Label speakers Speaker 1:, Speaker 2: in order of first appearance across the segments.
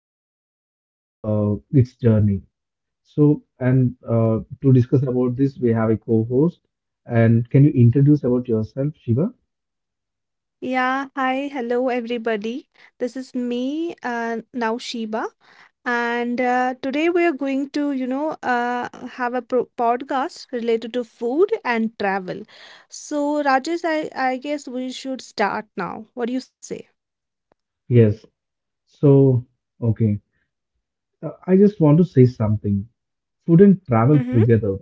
Speaker 1: and its journey. So, and To discuss about this, we have a co-host. And can you introduce about yourself, Shiva?
Speaker 2: Yeah, hi, hello everybody. This is me, now Sheba, and today we are going to, you know, have a pro podcast related to food and travel. So, Rajesh, I guess we should start now. What do you say?
Speaker 1: Yes. So, okay. I just want to say something. Food and travel
Speaker 2: Mm-hmm.
Speaker 1: together.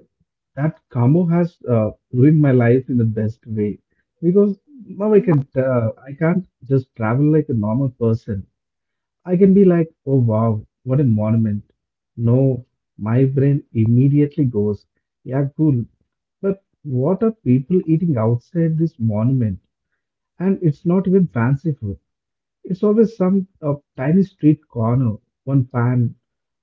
Speaker 1: That combo has ruined my life in the best way because now I
Speaker 2: Mm-hmm.
Speaker 1: can uh, I can't just travel like a normal person. I can be like, oh wow, what a monument. No, my brain immediately goes, yeah, cool. But what are people eating outside this monument? And it's not even fancy food. It's always some tiny street corner, one pan,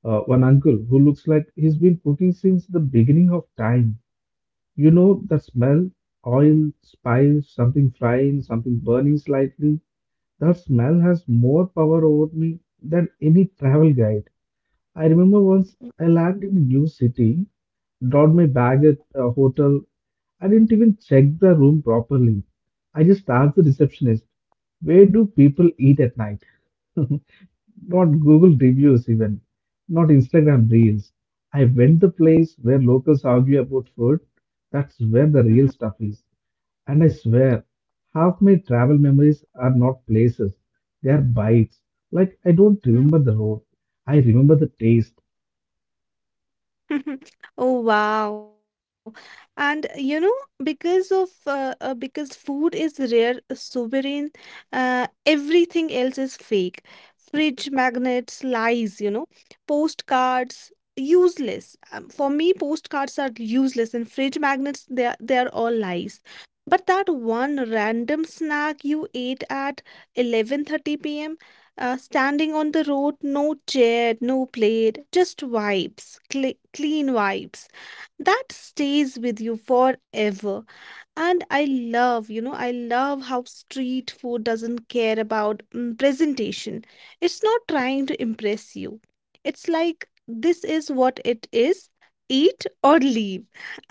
Speaker 1: one uncle who looks like he's been cooking since the beginning of time. You know that smell? Oil, spice, something frying, something burning slightly. That smell has more power over me than any travel guide. I remember once I landed in a new city, dropped my bag at a hotel. I didn't even check the room properly. I just asked the receptionist, where do people eat at night? Not Google reviews even, not Instagram reels. I went the place where locals argue about food. That's where the real
Speaker 2: Mm-hmm.
Speaker 1: stuff is. And I swear, half my travel memories are not places. They are bites. Like I don't remember the road. I remember the taste
Speaker 2: Oh wow. And you know, because food is rare, sovereign, everything else is fake. Fridge magnets, lies, you know, postcards, useless. For me, postcards are useless, and fridge magnets, they are all lies. But that one random snack you ate at 11:30 p.m., standing on the road, no chair, no plate, just vibes, clean vibes. That stays with you forever. And I love, you know, I love how street food doesn't care about presentation. It's not trying to impress you. It's like, this is what it is, eat or leave.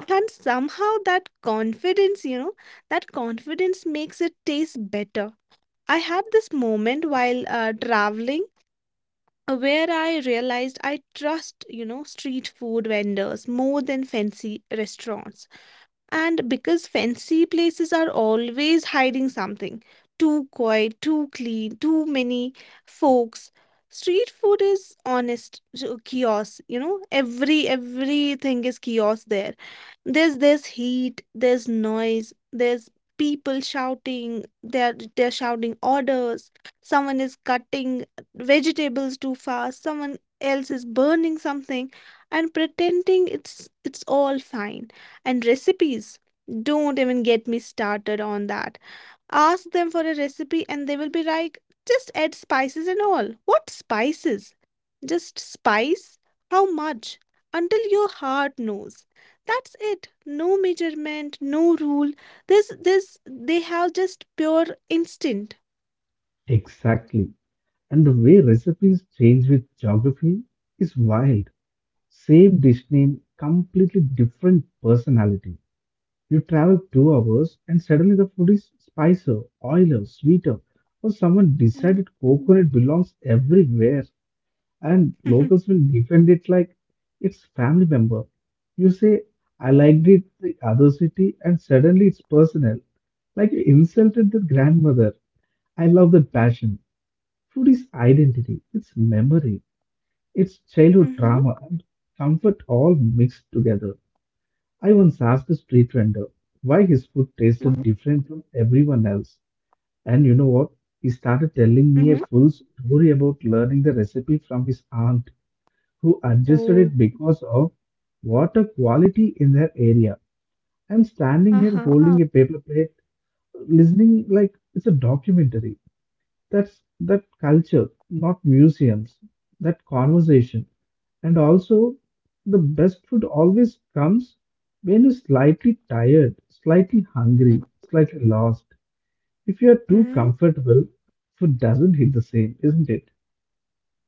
Speaker 2: And somehow that confidence, you know, that confidence makes it taste better. I had this moment while traveling, where I realized I trust, you know, street food vendors more than fancy restaurants. And because fancy places are always hiding something, too quiet, too clean, too many folks. Street food is honest, so chaos, you know. Everything is chaos there. There's heat, there's noise, there's people shouting, they're shouting orders, someone is cutting vegetables too fast, someone else is burning something and pretending it's all fine. And recipes. Don't even get me started on that. Ask them for a recipe and they will be like, just add spices and all. What spices? Just spice? How much? Until your heart knows. That's it. No measurement, no rule. They have just pure instinct.
Speaker 1: exactly. And the way recipes change with geography is wild. Same dish name, completely different personality. You travel 2 hours and suddenly the food is spicier, oilier, sweeter, or someone
Speaker 2: Yeah.
Speaker 1: decided coconut belongs everywhere and locals will defend it like it's family member. You say, I liked it the other city and suddenly it's personal. Like you insulted the grandmother. I love that passion. Food is identity, it's memory, it's childhood
Speaker 2: Mm-hmm.
Speaker 1: trauma and comfort all mixed together. I once asked a street vendor why his food tasted
Speaker 2: Mm-hmm.
Speaker 1: different from everyone else. And you know what? He started telling me a
Speaker 2: Mm-hmm.
Speaker 1: full story about learning the recipe from his aunt, who adjusted it
Speaker 2: Oh.
Speaker 1: because of water quality in their area. I'm standing here
Speaker 2: Uh-huh.
Speaker 1: holding
Speaker 2: Mm-hmm.
Speaker 1: a paper plate, listening like it's a documentary. That's that culture, not museums, that conversation. And also, the best food always comes when you're slightly tired, slightly hungry, slightly lost. If you're too
Speaker 2: Mm-hmm.
Speaker 1: comfortable, food doesn't hit the same, isn't it?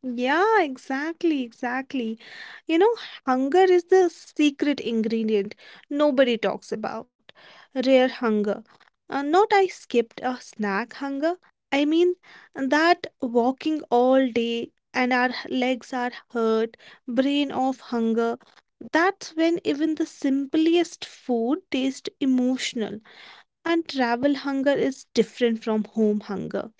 Speaker 2: Yeah, exactly, exactly. You know, hunger is the secret ingredient nobody talks about. Rare hunger. Not I skipped a snack hunger. I mean, that walking all day and our legs are hurt, brain of hunger. That's when even the simplest food tastes emotional. And travel hunger is different from home hunger.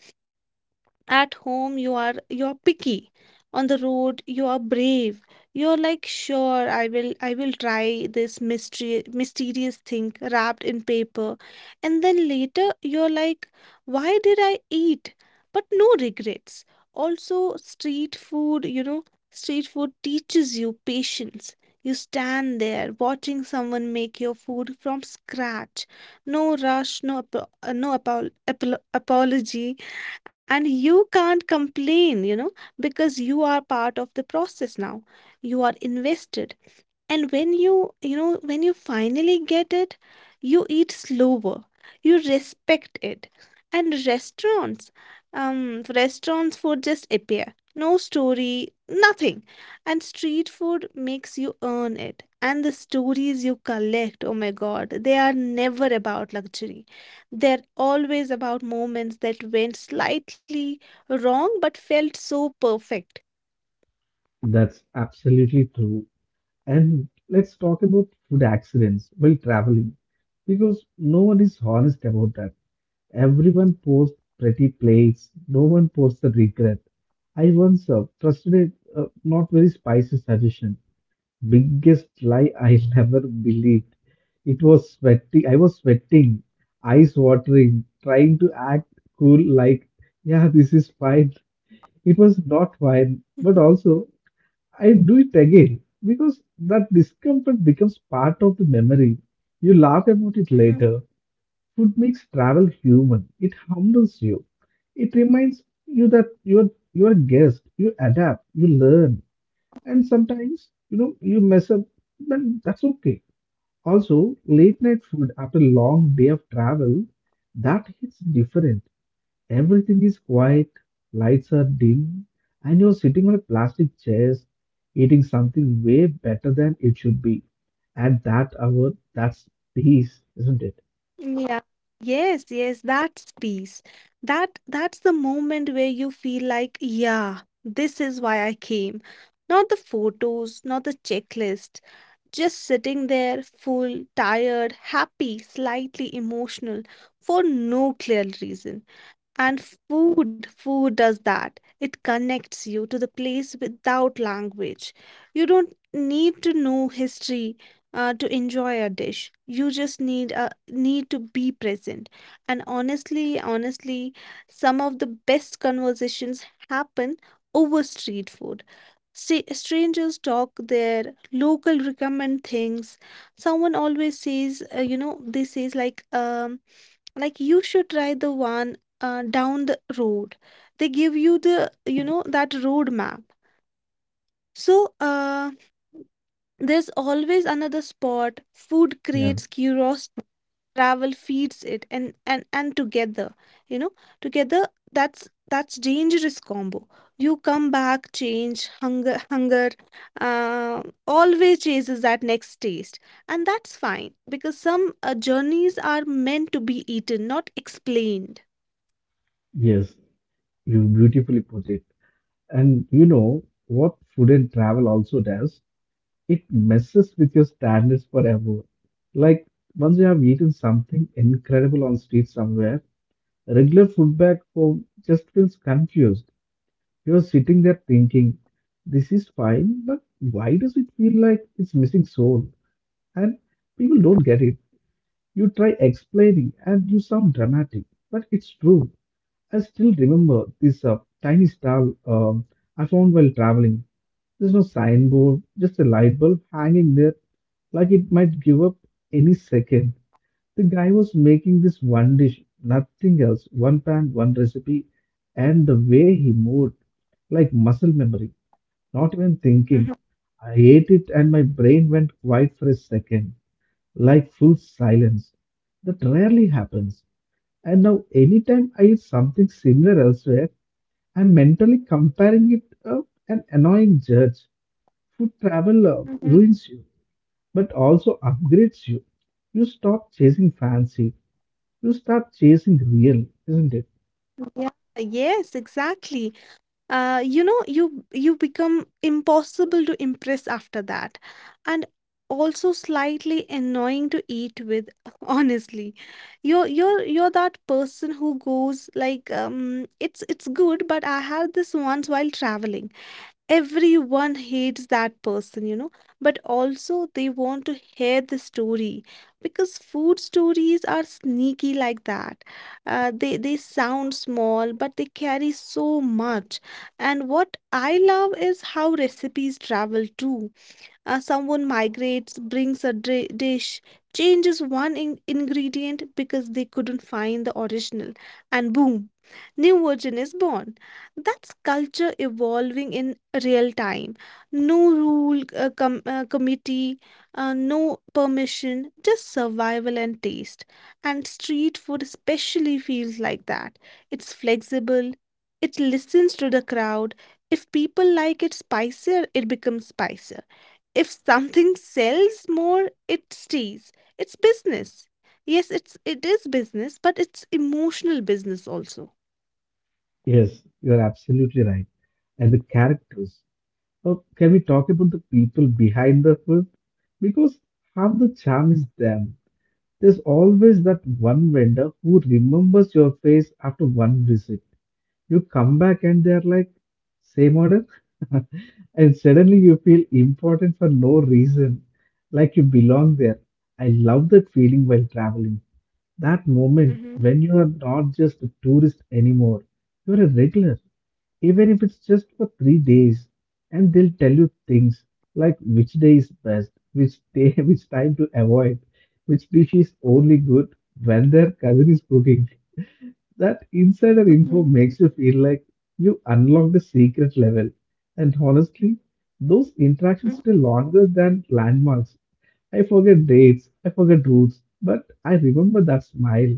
Speaker 2: At home, you are picky. On the road, you are brave. You're like, sure, I will try this mystery mysterious thing wrapped in paper. And then later you're like, why did I eat? But no regrets. Also, street food, you know, street food teaches you patience. You stand there watching someone make your food from scratch. No rush, no apology, and you can't complain, you know, because you are part of the process now, you are invested. And when you know, when you finally get it, you eat slower, you respect it. And restaurants, um restaurants food just appear, no story, nothing. And street food makes you earn it, and the stories you collect, oh my god, they are never about luxury. They're always about moments that went slightly wrong but felt so perfect.
Speaker 1: That's absolutely true. And let's talk about food accidents while traveling because no one is honest about that. Everyone posts pretty plates, no one posts the regret. I once trusted a not very spicy suggestion. Biggest lie I never believed. It was sweating. I was sweating, eyes watering, trying to act cool like, yeah, this is fine. It was not fine, but also I do it again because that discomfort becomes part of the memory. You laugh about it
Speaker 2: Hmm.
Speaker 1: later. Food makes travel human. It humbles you. It reminds you that you're a guest. You adapt. You learn. And sometimes, you know, you mess up, but that's okay. Also, late night food after a long day of travel, that hits different. Everything is quiet, lights are dim, and you're sitting on a plastic chair eating something way better than it should be. At that hour, that's peace, isn't it?
Speaker 2: Yeah. Yes, yes, that's peace. That's the moment where you feel like, yeah, this is why I came. Not the photos, not the checklist. Just sitting there, full, tired, happy, slightly emotional, for no clear reason. And food does that. It connects you to the place without language. You don't need to know history to enjoy a dish. You just need a need to be present. And honestly, some of the best conversations happen over street food. Strangers talk there, local recommend things, someone always says, you know, they says like, like you should try the one down the road, they give you the, you know, that road map. So there's always another spot, food
Speaker 1: Yeah,
Speaker 2: creates curiosity, travel feeds it. And together, you know, together, that's dangerous combo. You come back change, hunger uh, always chases that next taste. And that's fine, because some journeys are meant to be eaten, not explained.
Speaker 1: yes, you beautifully put it. And you know what food and travel also does? It messes with your standards forever. Like once you have eaten something incredible on street somewhere, regular food back home just feels confused. He was sitting there thinking, this is fine, but why does it feel like it's missing soul? And people don't get it. You try explaining and you sound dramatic, but it's true. I still remember this tiny star I found while traveling. There's no signboard, just a light bulb hanging there, like it might give up any second. The guy was making this one dish, nothing else, one pan, one recipe, and the way he moved, like muscle memory. Not even thinking.
Speaker 2: Mhm,
Speaker 1: I ate it and my brain went quiet for a second, like full silence. That rarely happens. And now, anytime I eat something similar elsewhere, I'm mentally comparing it to an annoying judge. Food travel
Speaker 2: mhm.
Speaker 1: ruins you, but also upgrades you. You stop chasing fancy, you start chasing real, isn't it?
Speaker 2: Yeah, yes, exactly. You know, you become impossible to impress after that. And also slightly annoying to eat with, honestly. You're that person who goes like, it's good, but I had this once while traveling. Everyone hates that person, you know, but also they want to hear the story, because food stories are sneaky like that. They sound small, but they carry so much. And what I love is how recipes travel too. Someone migrates, brings a dish, changes one ingredient because they couldn't find the original, and boom, new version is born. That's culture evolving in real time. No rule, committee, no permission, just survival and taste. And street food especially feels like that. It's flexible, it listens to the crowd. If people like it spicier, it becomes spicier. If something sells more, it stays, it's business. Yes, it is business, but it's emotional business also.
Speaker 1: Yes, you're absolutely right. And the characters. Can we talk about the people behind the food? Because half the charm is them. There's always that one vendor who remembers your face after one visit. You come back and they're like, same order? And suddenly you feel important for no reason, like you belong there. I love that feeling while traveling. That moment
Speaker 2: Mhm,
Speaker 1: when you are not just a tourist anymore, you're a regular, even if it's just for 3 days. And they'll tell you things like which day is best, which day, which time to avoid, which dish is only good when their cousin is cooking. That insider info
Speaker 2: mhm,
Speaker 1: makes you feel like you unlocked a secret level. And honestly, those
Speaker 2: mhm,
Speaker 1: interactions stay longer than landmarks. I forget dates, I forget routes, but I remember that smile,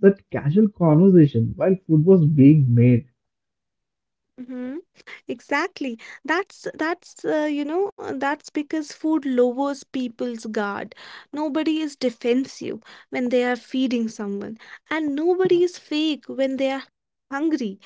Speaker 1: that casual conversation while food was being made.
Speaker 2: mhm. Exactly. That's You know, that's because food lowers people's guard. Nobody is defensive when they are feeding someone, and nobody is fake when they are hungry.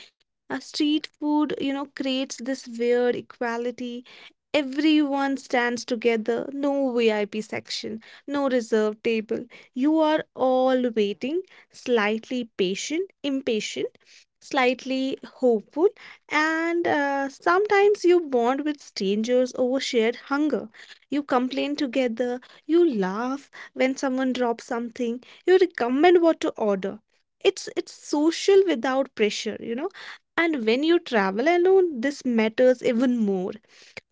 Speaker 2: A street food, you know, creates this weird equality. Everyone stands together. No VIP section. No reserved table. You are all waiting, slightly patient, impatient, slightly hopeful, and sometimes you bond with strangers over shared hunger. You complain together, you laugh when someone drops something, you recommend what to order. It's social without pressure, you know. And when you travel alone, this matters even more.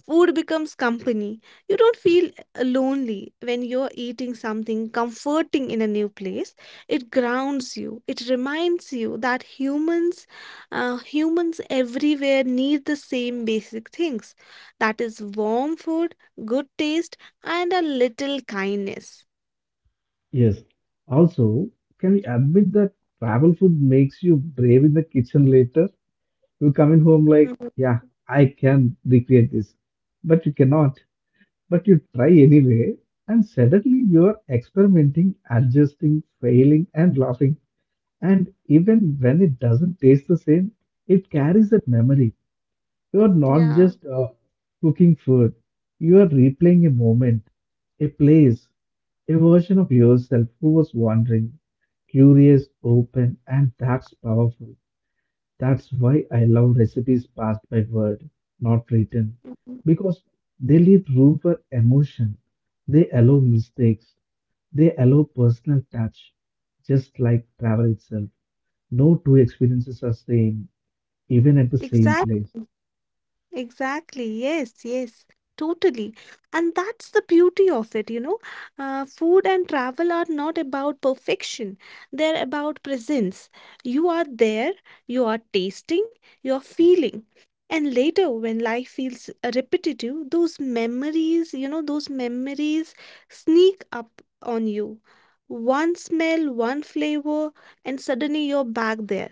Speaker 2: Food becomes company. You don't feel lonely when you're eating something comforting in a new place. It grounds you. It reminds you that humans everywhere need the same basic things. That is warm food, good taste, and a little kindness.
Speaker 1: Yes. Also, can we admit that travel food makes you brave in the kitchen later? You come in home like,
Speaker 2: Mhm.
Speaker 1: yeah, I can recreate this, but you cannot. But you try anyway, and suddenly you're experimenting, adjusting, failing, and laughing. And even when it doesn't taste the same, it carries that memory. You're not
Speaker 2: Yeah,
Speaker 1: just cooking food, you are replaying a moment, a place, a version of yourself who was wandering, curious, open, and that's powerful. That's why I love recipes passed by word, not written, because they leave room for emotion. They allow mistakes. They allow personal touch, just like travel itself. No two experiences are same, even at the same
Speaker 2: exactly.
Speaker 1: place.
Speaker 2: Exactly. Yes, yes, totally. And that's the beauty of it, you know. Food and travel are not about perfection, they're about presence. You are there, you are tasting, you are feeling. And later, when life feels repetitive, those memories, you know, those memories sneak up on you. One smell, one flavor, and suddenly you're back there.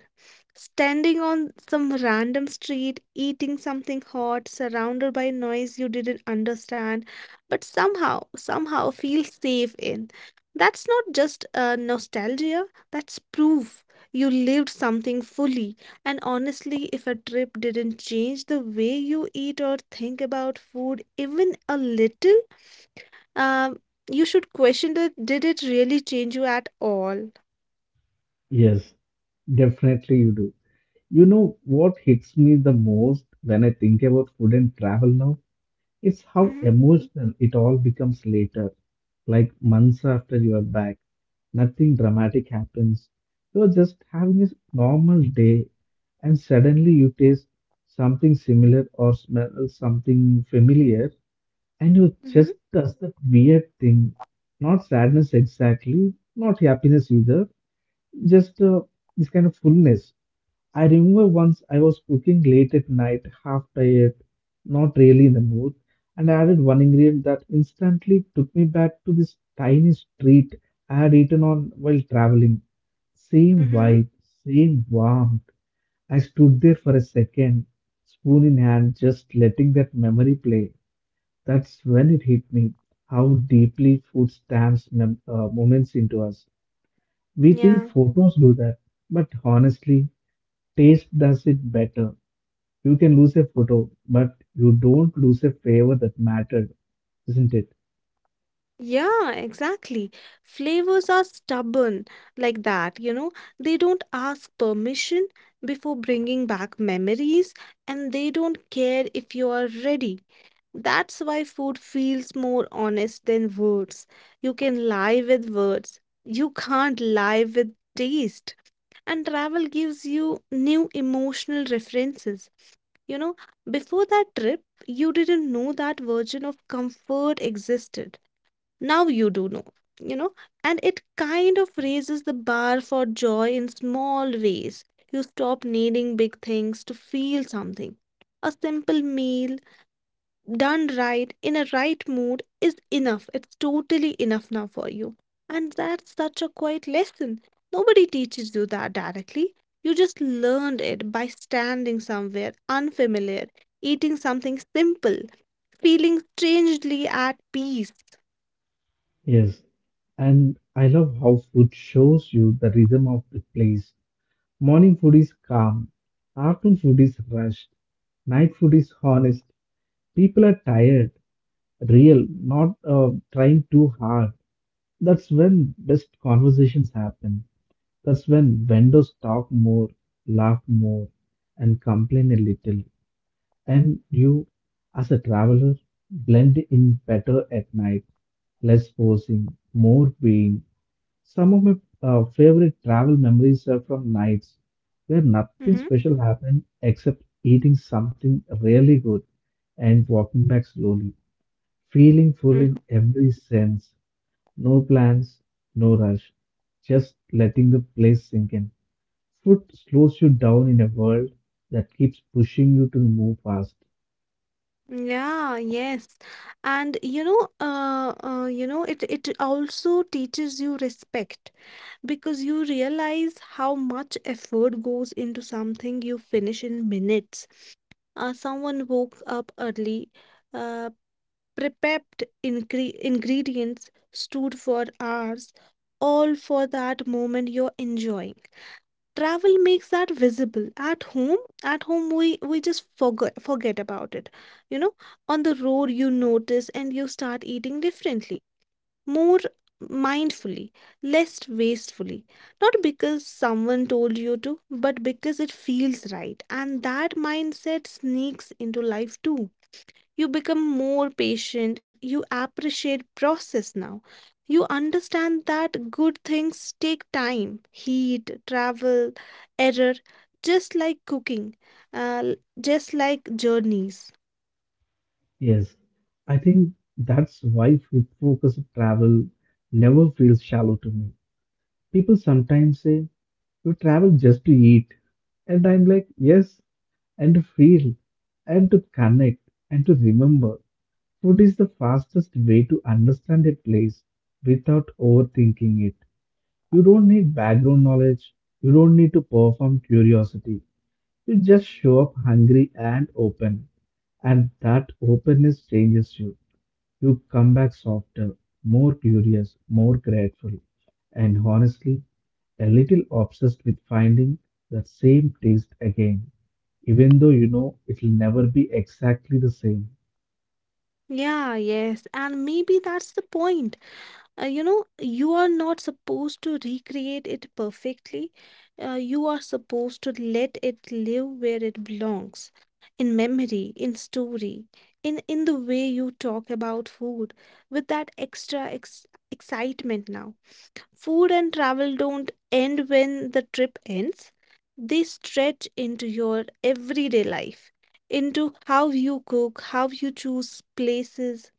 Speaker 2: Standing on some random street, eating something hot, surrounded by noise you didn't understand, but somehow feel safe in. That's not just nostalgia, that's proof you lived something fully. And honestly, if a trip didn't change the way you eat or think about food, even a little, um, you should question, that did it really change you at all?
Speaker 1: Yes, definitely you do. You know what hits me the most when I think about food and travel now? It's how
Speaker 2: Mm-hmm,
Speaker 1: emotional it all becomes later, like months after you are back. Nothing dramatic happens. You're just having a normal day, and suddenly you taste something similar or smell something familiar, and you
Speaker 2: mm-hmm,
Speaker 1: just does that weird thing. Not sadness exactly, not happiness either, just this kind of fullness. I remember once I was cooking late at night, half tired, not really in the mood, and I added one ingredient that instantly took me back to this tiny street I had eaten on while traveling. Same
Speaker 2: mm-hmm.
Speaker 1: vibe, same warmth. I stood there for a second, spoon in hand, just letting that memory play. That's when it hit me how deeply food stamps moments into us. We think
Speaker 2: Yeah.
Speaker 1: photos do that, but honestly, taste does it better. You can lose a photo, but you don't lose a favor that mattered, isn't it?
Speaker 2: Yeah, exactly. Flavors are stubborn like that, you know. They don't ask permission before bringing back memories, and they don't care if you are ready. That's why food feels more honest than words. You can lie with words, you can't lie with taste. And travel gives you new emotional references. You know, before that trip, you didn't know that version of comfort existed. Now you do know, you know, and it kind of raises the bar for joy in small ways. You stop needing big things to feel something. A simple meal done right in a right mood is enough. It's totally enough now for you. And that's such a quiet lesson. Nobody teaches you that directly. You just learned it by standing somewhere unfamiliar, eating something simple, feeling strangely at peace.
Speaker 1: Yes. And I love how food shows you the rhythm of the place. Morning food is calm, afternoon food is rushed, night food is honest. People are tired, real, not trying too hard. That's when best conversations happen. That's when vendors talk more, laugh more, and complain a little. And you as a traveler blend in better at night, less posing, more being. Some of my favorite travel memories are from nights where nothing
Speaker 2: Mm-hmm.
Speaker 1: special happened except eating something really good and walking back slowly, feeling full in
Speaker 2: Mm-hmm.
Speaker 1: every sense, no plans, no rush, just letting the place sink in. Food slows you down in a world that keeps pushing you to move fast.
Speaker 2: Yeah, yes. And you know, it also teaches you respect, because you realize how much effort goes into something you finish in minutes. Someone woke up early, uh, prepped ingredients, stood for hours, all for that moment you're enjoying. Travel makes that visible. At home, we just forget about it, you know. On the road, you notice, and you start eating differently, more mindfully, less wastefully. Not because someone told you to, but because it feels right. And that mindset sneaks into life too. You become more patient, you appreciate process now. You understand that good things take time, heat, travel, error, just like cooking, uh, just like journeys.
Speaker 1: Yes, I think that's why focus of travel never feels shallow to me. People sometimes say, you travel just to eat. And I'm like, yes, and to feel, and to connect, and to remember. Food is the fastest way to understand a place without overthinking it. You don't need background knowledge, you don't need to perform curiosity. You just show up hungry and open, and that openness changes you. You come back softer, more curious, more grateful, and honestly, a little obsessed with finding that same taste again, even though you know it'll never be exactly the same.
Speaker 2: Yeah, yes. And maybe that's the point. You know, you are not supposed to recreate it perfectly. You are supposed to let it live where it belongs, in memory, in story, in the way you talk about food, with that extra excitement now. Food and travel don't end when the trip ends, they stretch into your everyday life, into how you cook, how you choose places,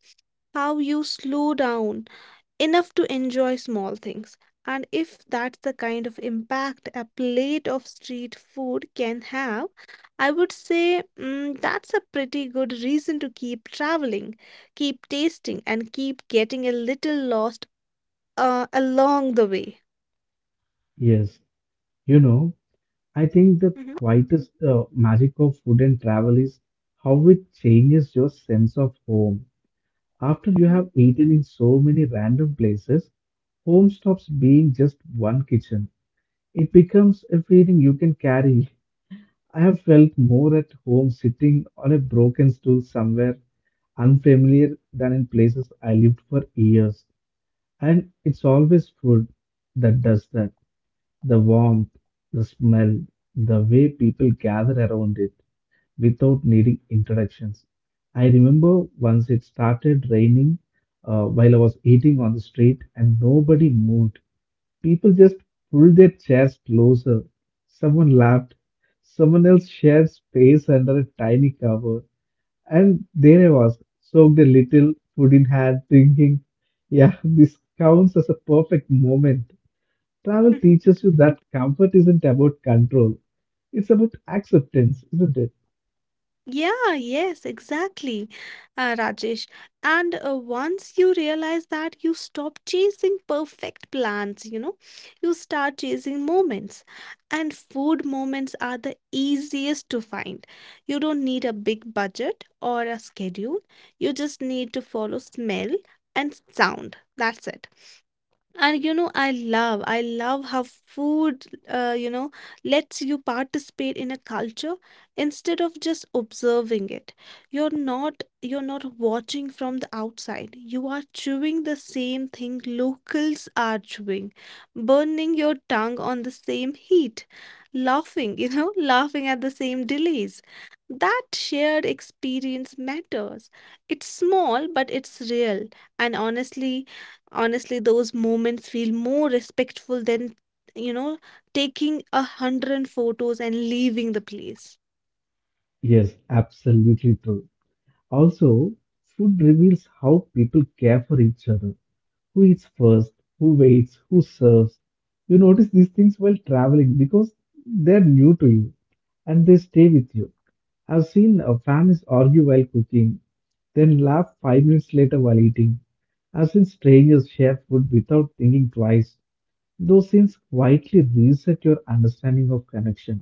Speaker 2: how you slow down enough to enjoy small things. And if that's the kind of impact a plate of street food can have, I would say, that's a pretty good reason to keep traveling, keep tasting, and keep getting a little lost along the way.
Speaker 1: Yes, you know, I think the
Speaker 2: Mhm,
Speaker 1: quietest magic of food and travel is how it changes your sense of home. After you
Speaker 2: mhm.
Speaker 1: have eaten in so many random places, home stops being just one kitchen. It becomes a feeling you can carry. I have felt more at home sitting on a broken stool somewhere unfamiliar than in places I lived for years. And it's always food that does that. The warmth, the smell, the way people gather around it without needing introductions. I remember once it started raining while I was eating on the street and nobody moved. People just pulled their chairs closer. Someone laughed. Someone else shared space under a tiny cover. And there I was, soaked a little, food in hand, thinking, yeah, this counts as a perfect moment. Travel teaches you that comfort isn't about control, it's about acceptance, isn't it?
Speaker 2: Yeah, yes, exactly, Rajesh. And once you realize that, you stop chasing perfect plans, you know, you start chasing moments. And food moments are the easiest to find. You don't need a big budget or a schedule, you just need to follow smell and sound. That's it. I love how food, lets you participate in a culture instead of just observing it. You're not watching from the outside. You are chewing the same thing locals are chewing, burning your tongue on the same heat, laughing, laughing at the same delays. That shared experience matters. It's small, but it's real. And honestly, Honestly, those moments feel more respectful than, you know, taking 100 photos and leaving the place.
Speaker 1: Yes, absolutely true. Also, food reveals how people care for each other. Who eats first, who waits, who serves. You notice these things while traveling because they're new to you and they stay with you. I've seen families argue while cooking, then laugh 5 minutes later while eating. I've seen strangers share food without thinking twice. Those scenes quietly reset your understanding of connection,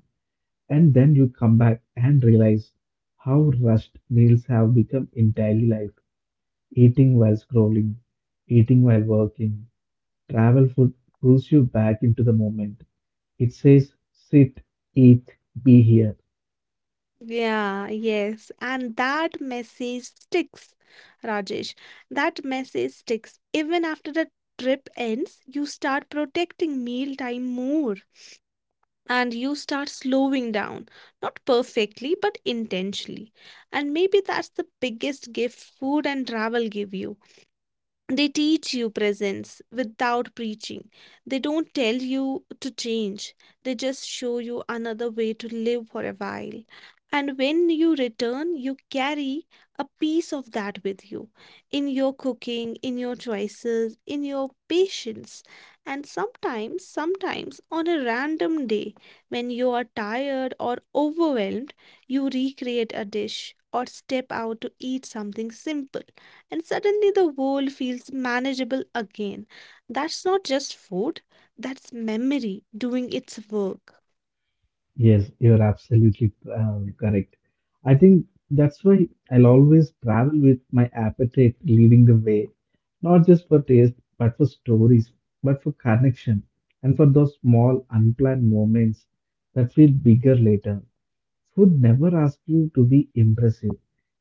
Speaker 1: and then you come back and realize how rushed meals have become in daily life. Eating while scrolling, eating while working, travel food pulls you back into the moment. It says, sit, eat, be here.
Speaker 2: Yeah, yes. And that message sticks, Rajesh. That message sticks. Even after the trip ends, you start protecting meal time more and you start slowing down. Not perfectly, but intentionally. And maybe that's the biggest gift food and travel give you. They teach you presence without preaching. They don't tell you to change, they just show you another way to live for a while. And when you return, you carry a piece of that with you in your cooking, in your choices, in your patience. And sometimes on a random day when you are tired or overwhelmed, you recreate a dish or step out to eat something simple and suddenly the world feels manageable again. That's not just food, that's memory doing its work.
Speaker 1: Yes, you're absolutely correct. I think that's why I'll always travel with my appetite leading the way, not just for taste, but for stories, but for connection, and for those small unplanned moments that feel bigger later. Food never asks you to be impressive.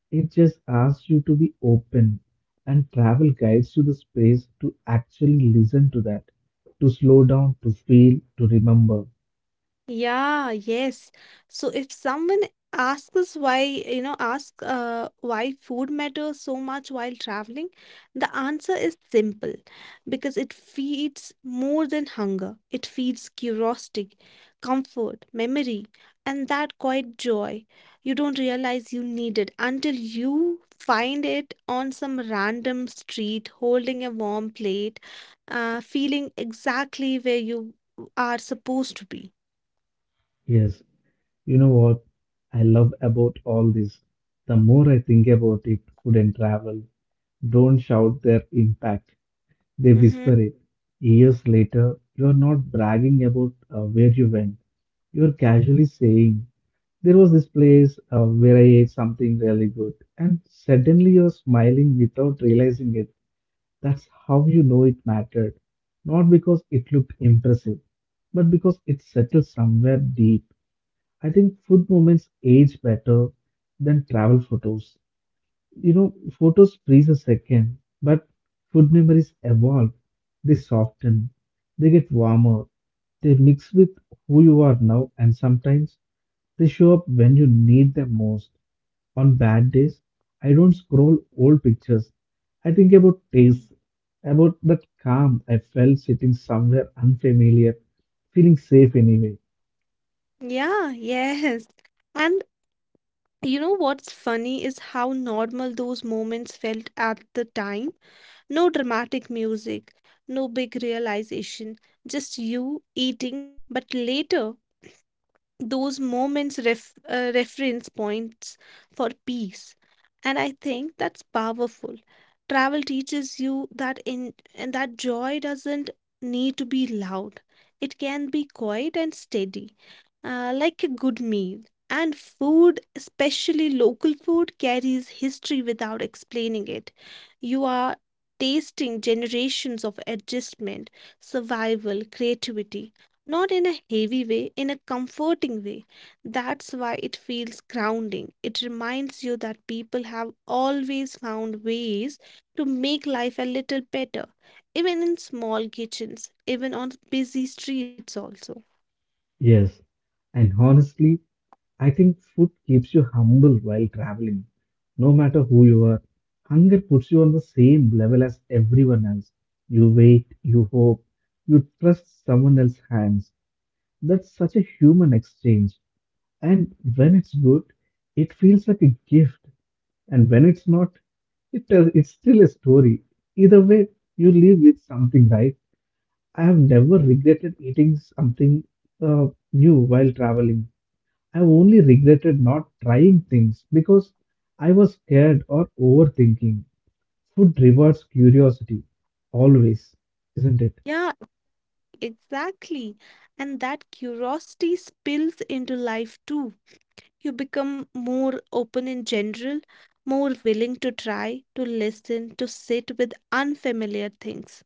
Speaker 1: It just asks you to be open. And travel guides you the space to actually listen to that, to slow down, to feel, to remember.
Speaker 2: Yeah, yes. So if someone asks us why, you know, ask why food matters so much while traveling, the answer is simple because it feeds more than hunger. It feeds curiosity, comfort, memory, and that quiet joy you don't realize you need it until you find it on some random street holding a warm plate, feeling exactly where you are supposed to be.
Speaker 1: Yes, you know what I love about all this? The more I think about it, food and travel don't shout their impact, they
Speaker 2: Hmm.
Speaker 1: whisper it. Years later, you're not bragging about where you went. You're casually saying, "There was this place where I ate something really good," and suddenly you're smiling without realizing it. That's how you know it mattered. Not because it looked impressive, but because it settled somewhere deep. I think food moments age better than travel photos. You know, photos freeze a second, but food memories evolve. They soften, they get warmer, they mix with who you are now, and sometimes they show up when you need them most. On bad days, I don't scroll old pictures. I think about taste, about that calm I felt sitting somewhere unfamiliar, feeling safe anyway.
Speaker 2: Yeah, yes. And you know what's funny is how normal those moments felt at the time. No dramatic music, no big realization, just you eating. But later, those moments reference points for peace, and I think that's powerful. Travel teaches you that in, and that joy doesn't need to be loud, it can be quiet and steady, like a good meal. And food, especially local food, carries history without explaining it. You are tasting generations of adjustment, survival, creativity, not in a heavy way, in a comforting way. That's why it feels grounding. It reminds you that people have always found ways to make life a little better, even in small kitchens, even on busy streets, also.
Speaker 1: Yes, and honestly, I think food keeps you humble while traveling, no matter who you are. Hunger puts you on the same level as everyone else. You wait, you hope, you trust someone else's hands. That's such a human exchange. And when it's good, it feels like a gift. And when it's not, it's still a story. Either way, you leave with something, right? I have never
Speaker 2: Mhm.
Speaker 1: regretted eating something uh, new while traveling. I've only regretted not trying things because I was scared or overthinking. Food rewards curiosity, always, isn't it?
Speaker 2: Yeah, exactly. And that curiosity spills into life too. You become more open in general, more willing to try, to listen, to sit with unfamiliar things.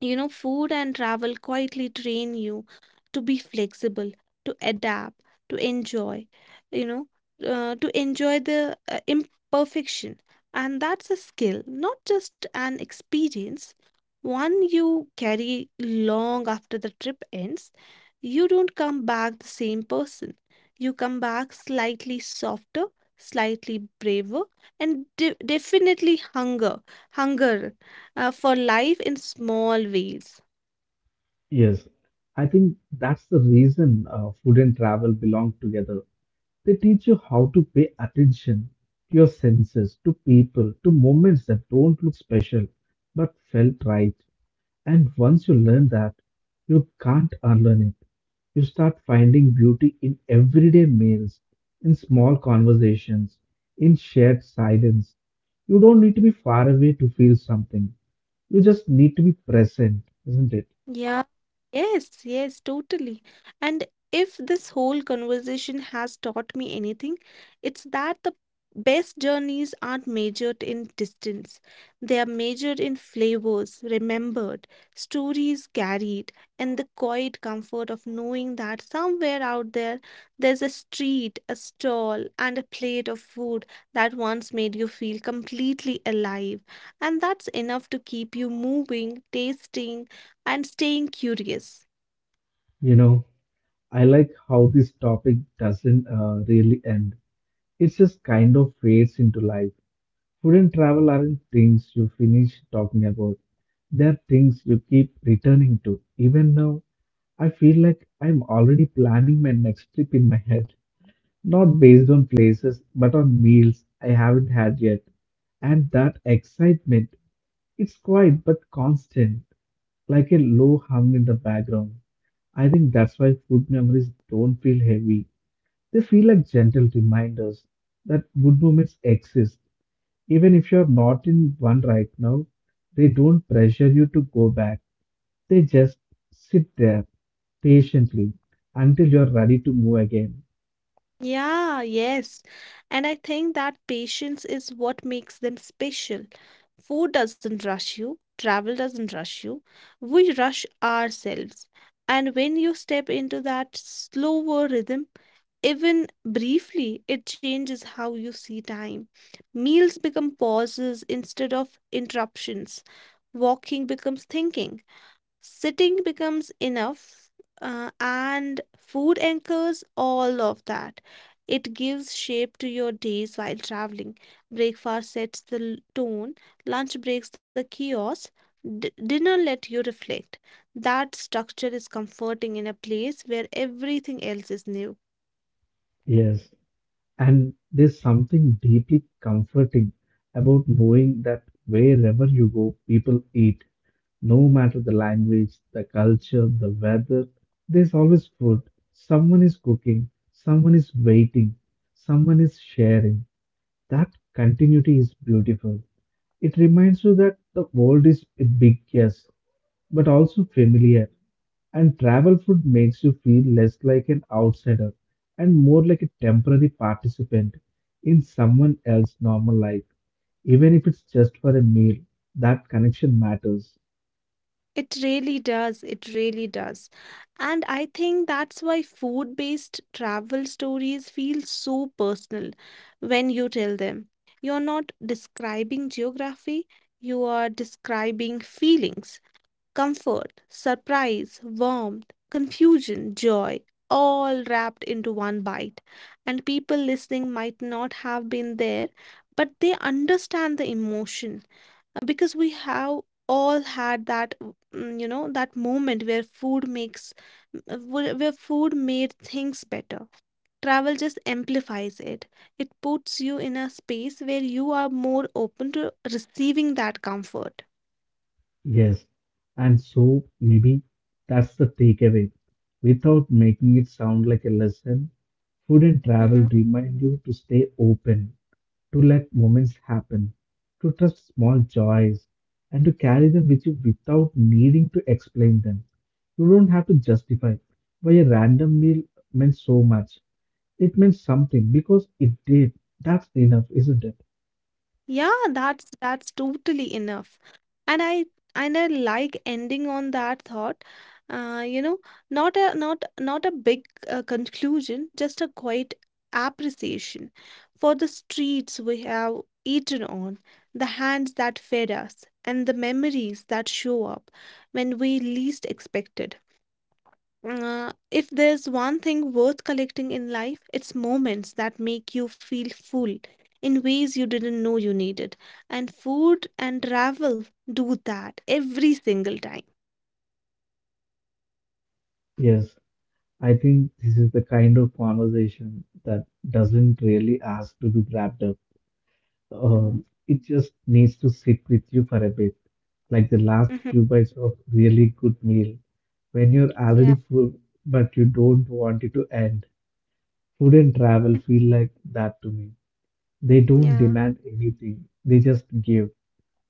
Speaker 2: Food and travel quietly train you to be flexible, to adapt, to enjoy, you know, to enjoy the imperfection. And that's a skill, not just an experience. One you carry long after the trip ends. You don't come back the same person, you come back slightly softer, slightly braver, and hunger for life in small ways.
Speaker 1: Yes, I think that's the reason food and travel belong together. They teach you how to pay attention to your senses, to people, to moments that don't look special but felt right. And once you learn that, you can't unlearn it. You start finding beauty in everyday meals, in small conversations, in shared silence. You don't need to be far away to feel something. You just need to be present, isn't it?
Speaker 2: Yeah, yes, totally. And if this whole conversation has taught me anything, it's that the best journeys aren't measured in distance. They are measured in flavors remembered, stories carried, and the quiet comfort of knowing that somewhere out there, there's a street, a stall, and a plate of food that once made you feel completely alive. And that's enough to keep you moving, tasting and staying curious.
Speaker 1: You know, I like how this topic doesn't really end. It just kind of fades into life. Food and travel aren't things you finish talking about. They're things you keep returning to. Even now, I feel like I'm already planning my next trip in my head, not based on places, but on meals I haven't had yet. And that excitement, it's quiet but constant, like a low hum in the background. I think that's why food memories don't feel heavy. They feel like gentle reminders that good moments exist even if you're not in one right now, they don't pressure you to go back. They just sit there patiently until you're ready to move again.
Speaker 2: Yeah, yes. And I think that patience is what makes them special. Food doesn't rush you, travel doesn't rush you. We rush ourselves. And when you step into that slower rhythm, even briefly, it changes how you see time. Meals become pauses instead of interruptions. Walking becomes thinking. Sitting becomes enough, and food anchors all of that. It gives shape to your days while traveling. Breakfast sets the tone, lunch breaks the chaos, dinner let you reflect. That structure is comforting in a place where everything else is new.
Speaker 1: Yes, and there's something deeply comforting about knowing that wherever you go, people eat, no matter the language, the culture, the weather, there's always food. Someone is cooking, someone is waiting, someone is sharing. That continuity is beautiful. It reminds you that the world is big, yes, but also familiar. And travel food makes you feel less like an outsider and more like a temporary participant in someone else's normal life. Even if it's just for a meal, that connection matters.
Speaker 2: It really does. It really does. And I think that's why food based travel stories feel so personal when you tell them. You're not describing geography, you are describing feelings, comfort, surprise, warmth, confusion, joy, all wrapped into one bite. And people listening might not have been there, but they understand the emotion. Because we have all had that w- mm, you know that moment where food makes m- where food made things better. Travel just amplifies it, it puts you in a space where you are more open to receiving that comfort.
Speaker 1: Yes. And so maybe that's the takeaway. Without making it sound like a lesson, food and travel
Speaker 2: Mm-hmm.
Speaker 1: remind you to stay open, to let moments happen, to trust small joys, and to carry them with you without needing to explain them. You don't have to justify why a random meal meant so much. It meant something because it did. That's enough, isn't it?
Speaker 2: Yeah, that's totally enough. And I and I like ending on that thought. Uh, you know, not a not not a big conclusion, just a quiet appreciation for the streets we have eaten on, the hands that fed us, and the memories that show up when we least expect it. If there's one thing worth collecting in life, it's moments that make you feel full in ways you didn't know you needed. And food and travel do that every single time.
Speaker 1: Yes, I think this is the kind of conversation that doesn't really ask to be wrapped up.
Speaker 2: Hmm.
Speaker 1: It just needs to sit with you for a bit, like the last
Speaker 2: Hmm.
Speaker 1: few bites of really good meal. When you're
Speaker 2: Yeah.
Speaker 1: already full but you don't want it to end. Food and travel feel like that to me. They don't
Speaker 2: Yeah.
Speaker 1: demand anything, they just give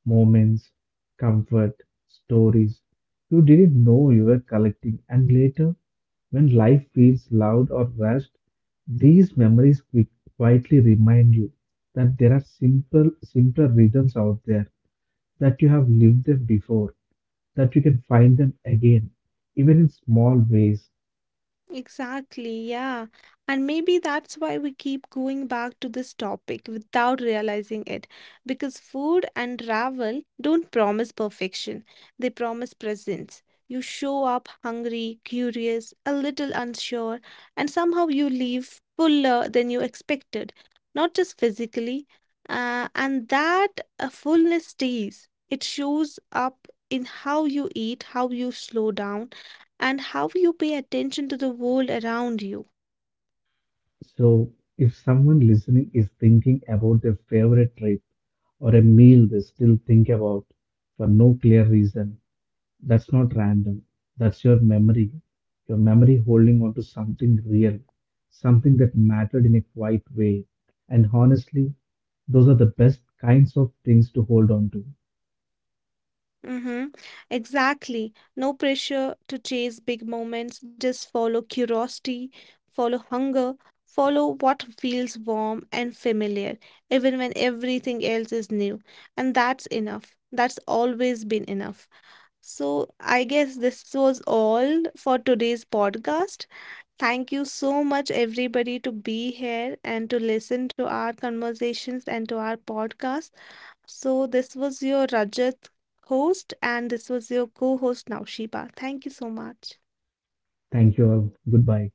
Speaker 1: moments, comfort, stories you didn't know you were collecting. And later, when life feels loud or rushed, these memories quietly remind you that there are simple, simpler rhythms out there, that you have lived them before, that you can find them again, even in small ways.
Speaker 2: Exactly, yeah. And maybe that's why we keep going back to this topic without realizing it. Because food and travel don't promise perfection, they promise presence. You show up hungry, curious, a little unsure, and somehow you leave fuller than you expected, not just physically. And that fullness stays. It shows up in how you eat, how you slow down and how you pay attention to the world around you.
Speaker 1: So, if someone listening is thinking about their favorite trip or a meal they still think about for no clear reason, that's not random. That's your memory holding on to something real, something that mattered in a quiet way. And honestly, those are the best kinds of things to hold on to.
Speaker 2: Mm-hmm. Exactly. No pressure to chase big moments. Just follow curiosity, follow hunger, follow what feels warm and familiar, even when everything else is new. And that's enough. That's always been enough. So, I guess this was all for today's podcast. Thank you so much, everybody, to be here and to listen to our conversations and to our podcast. So, this was your Rajat host, and this was your co host Naushiba. Thank you so much.
Speaker 1: Thank you all. Goodbye.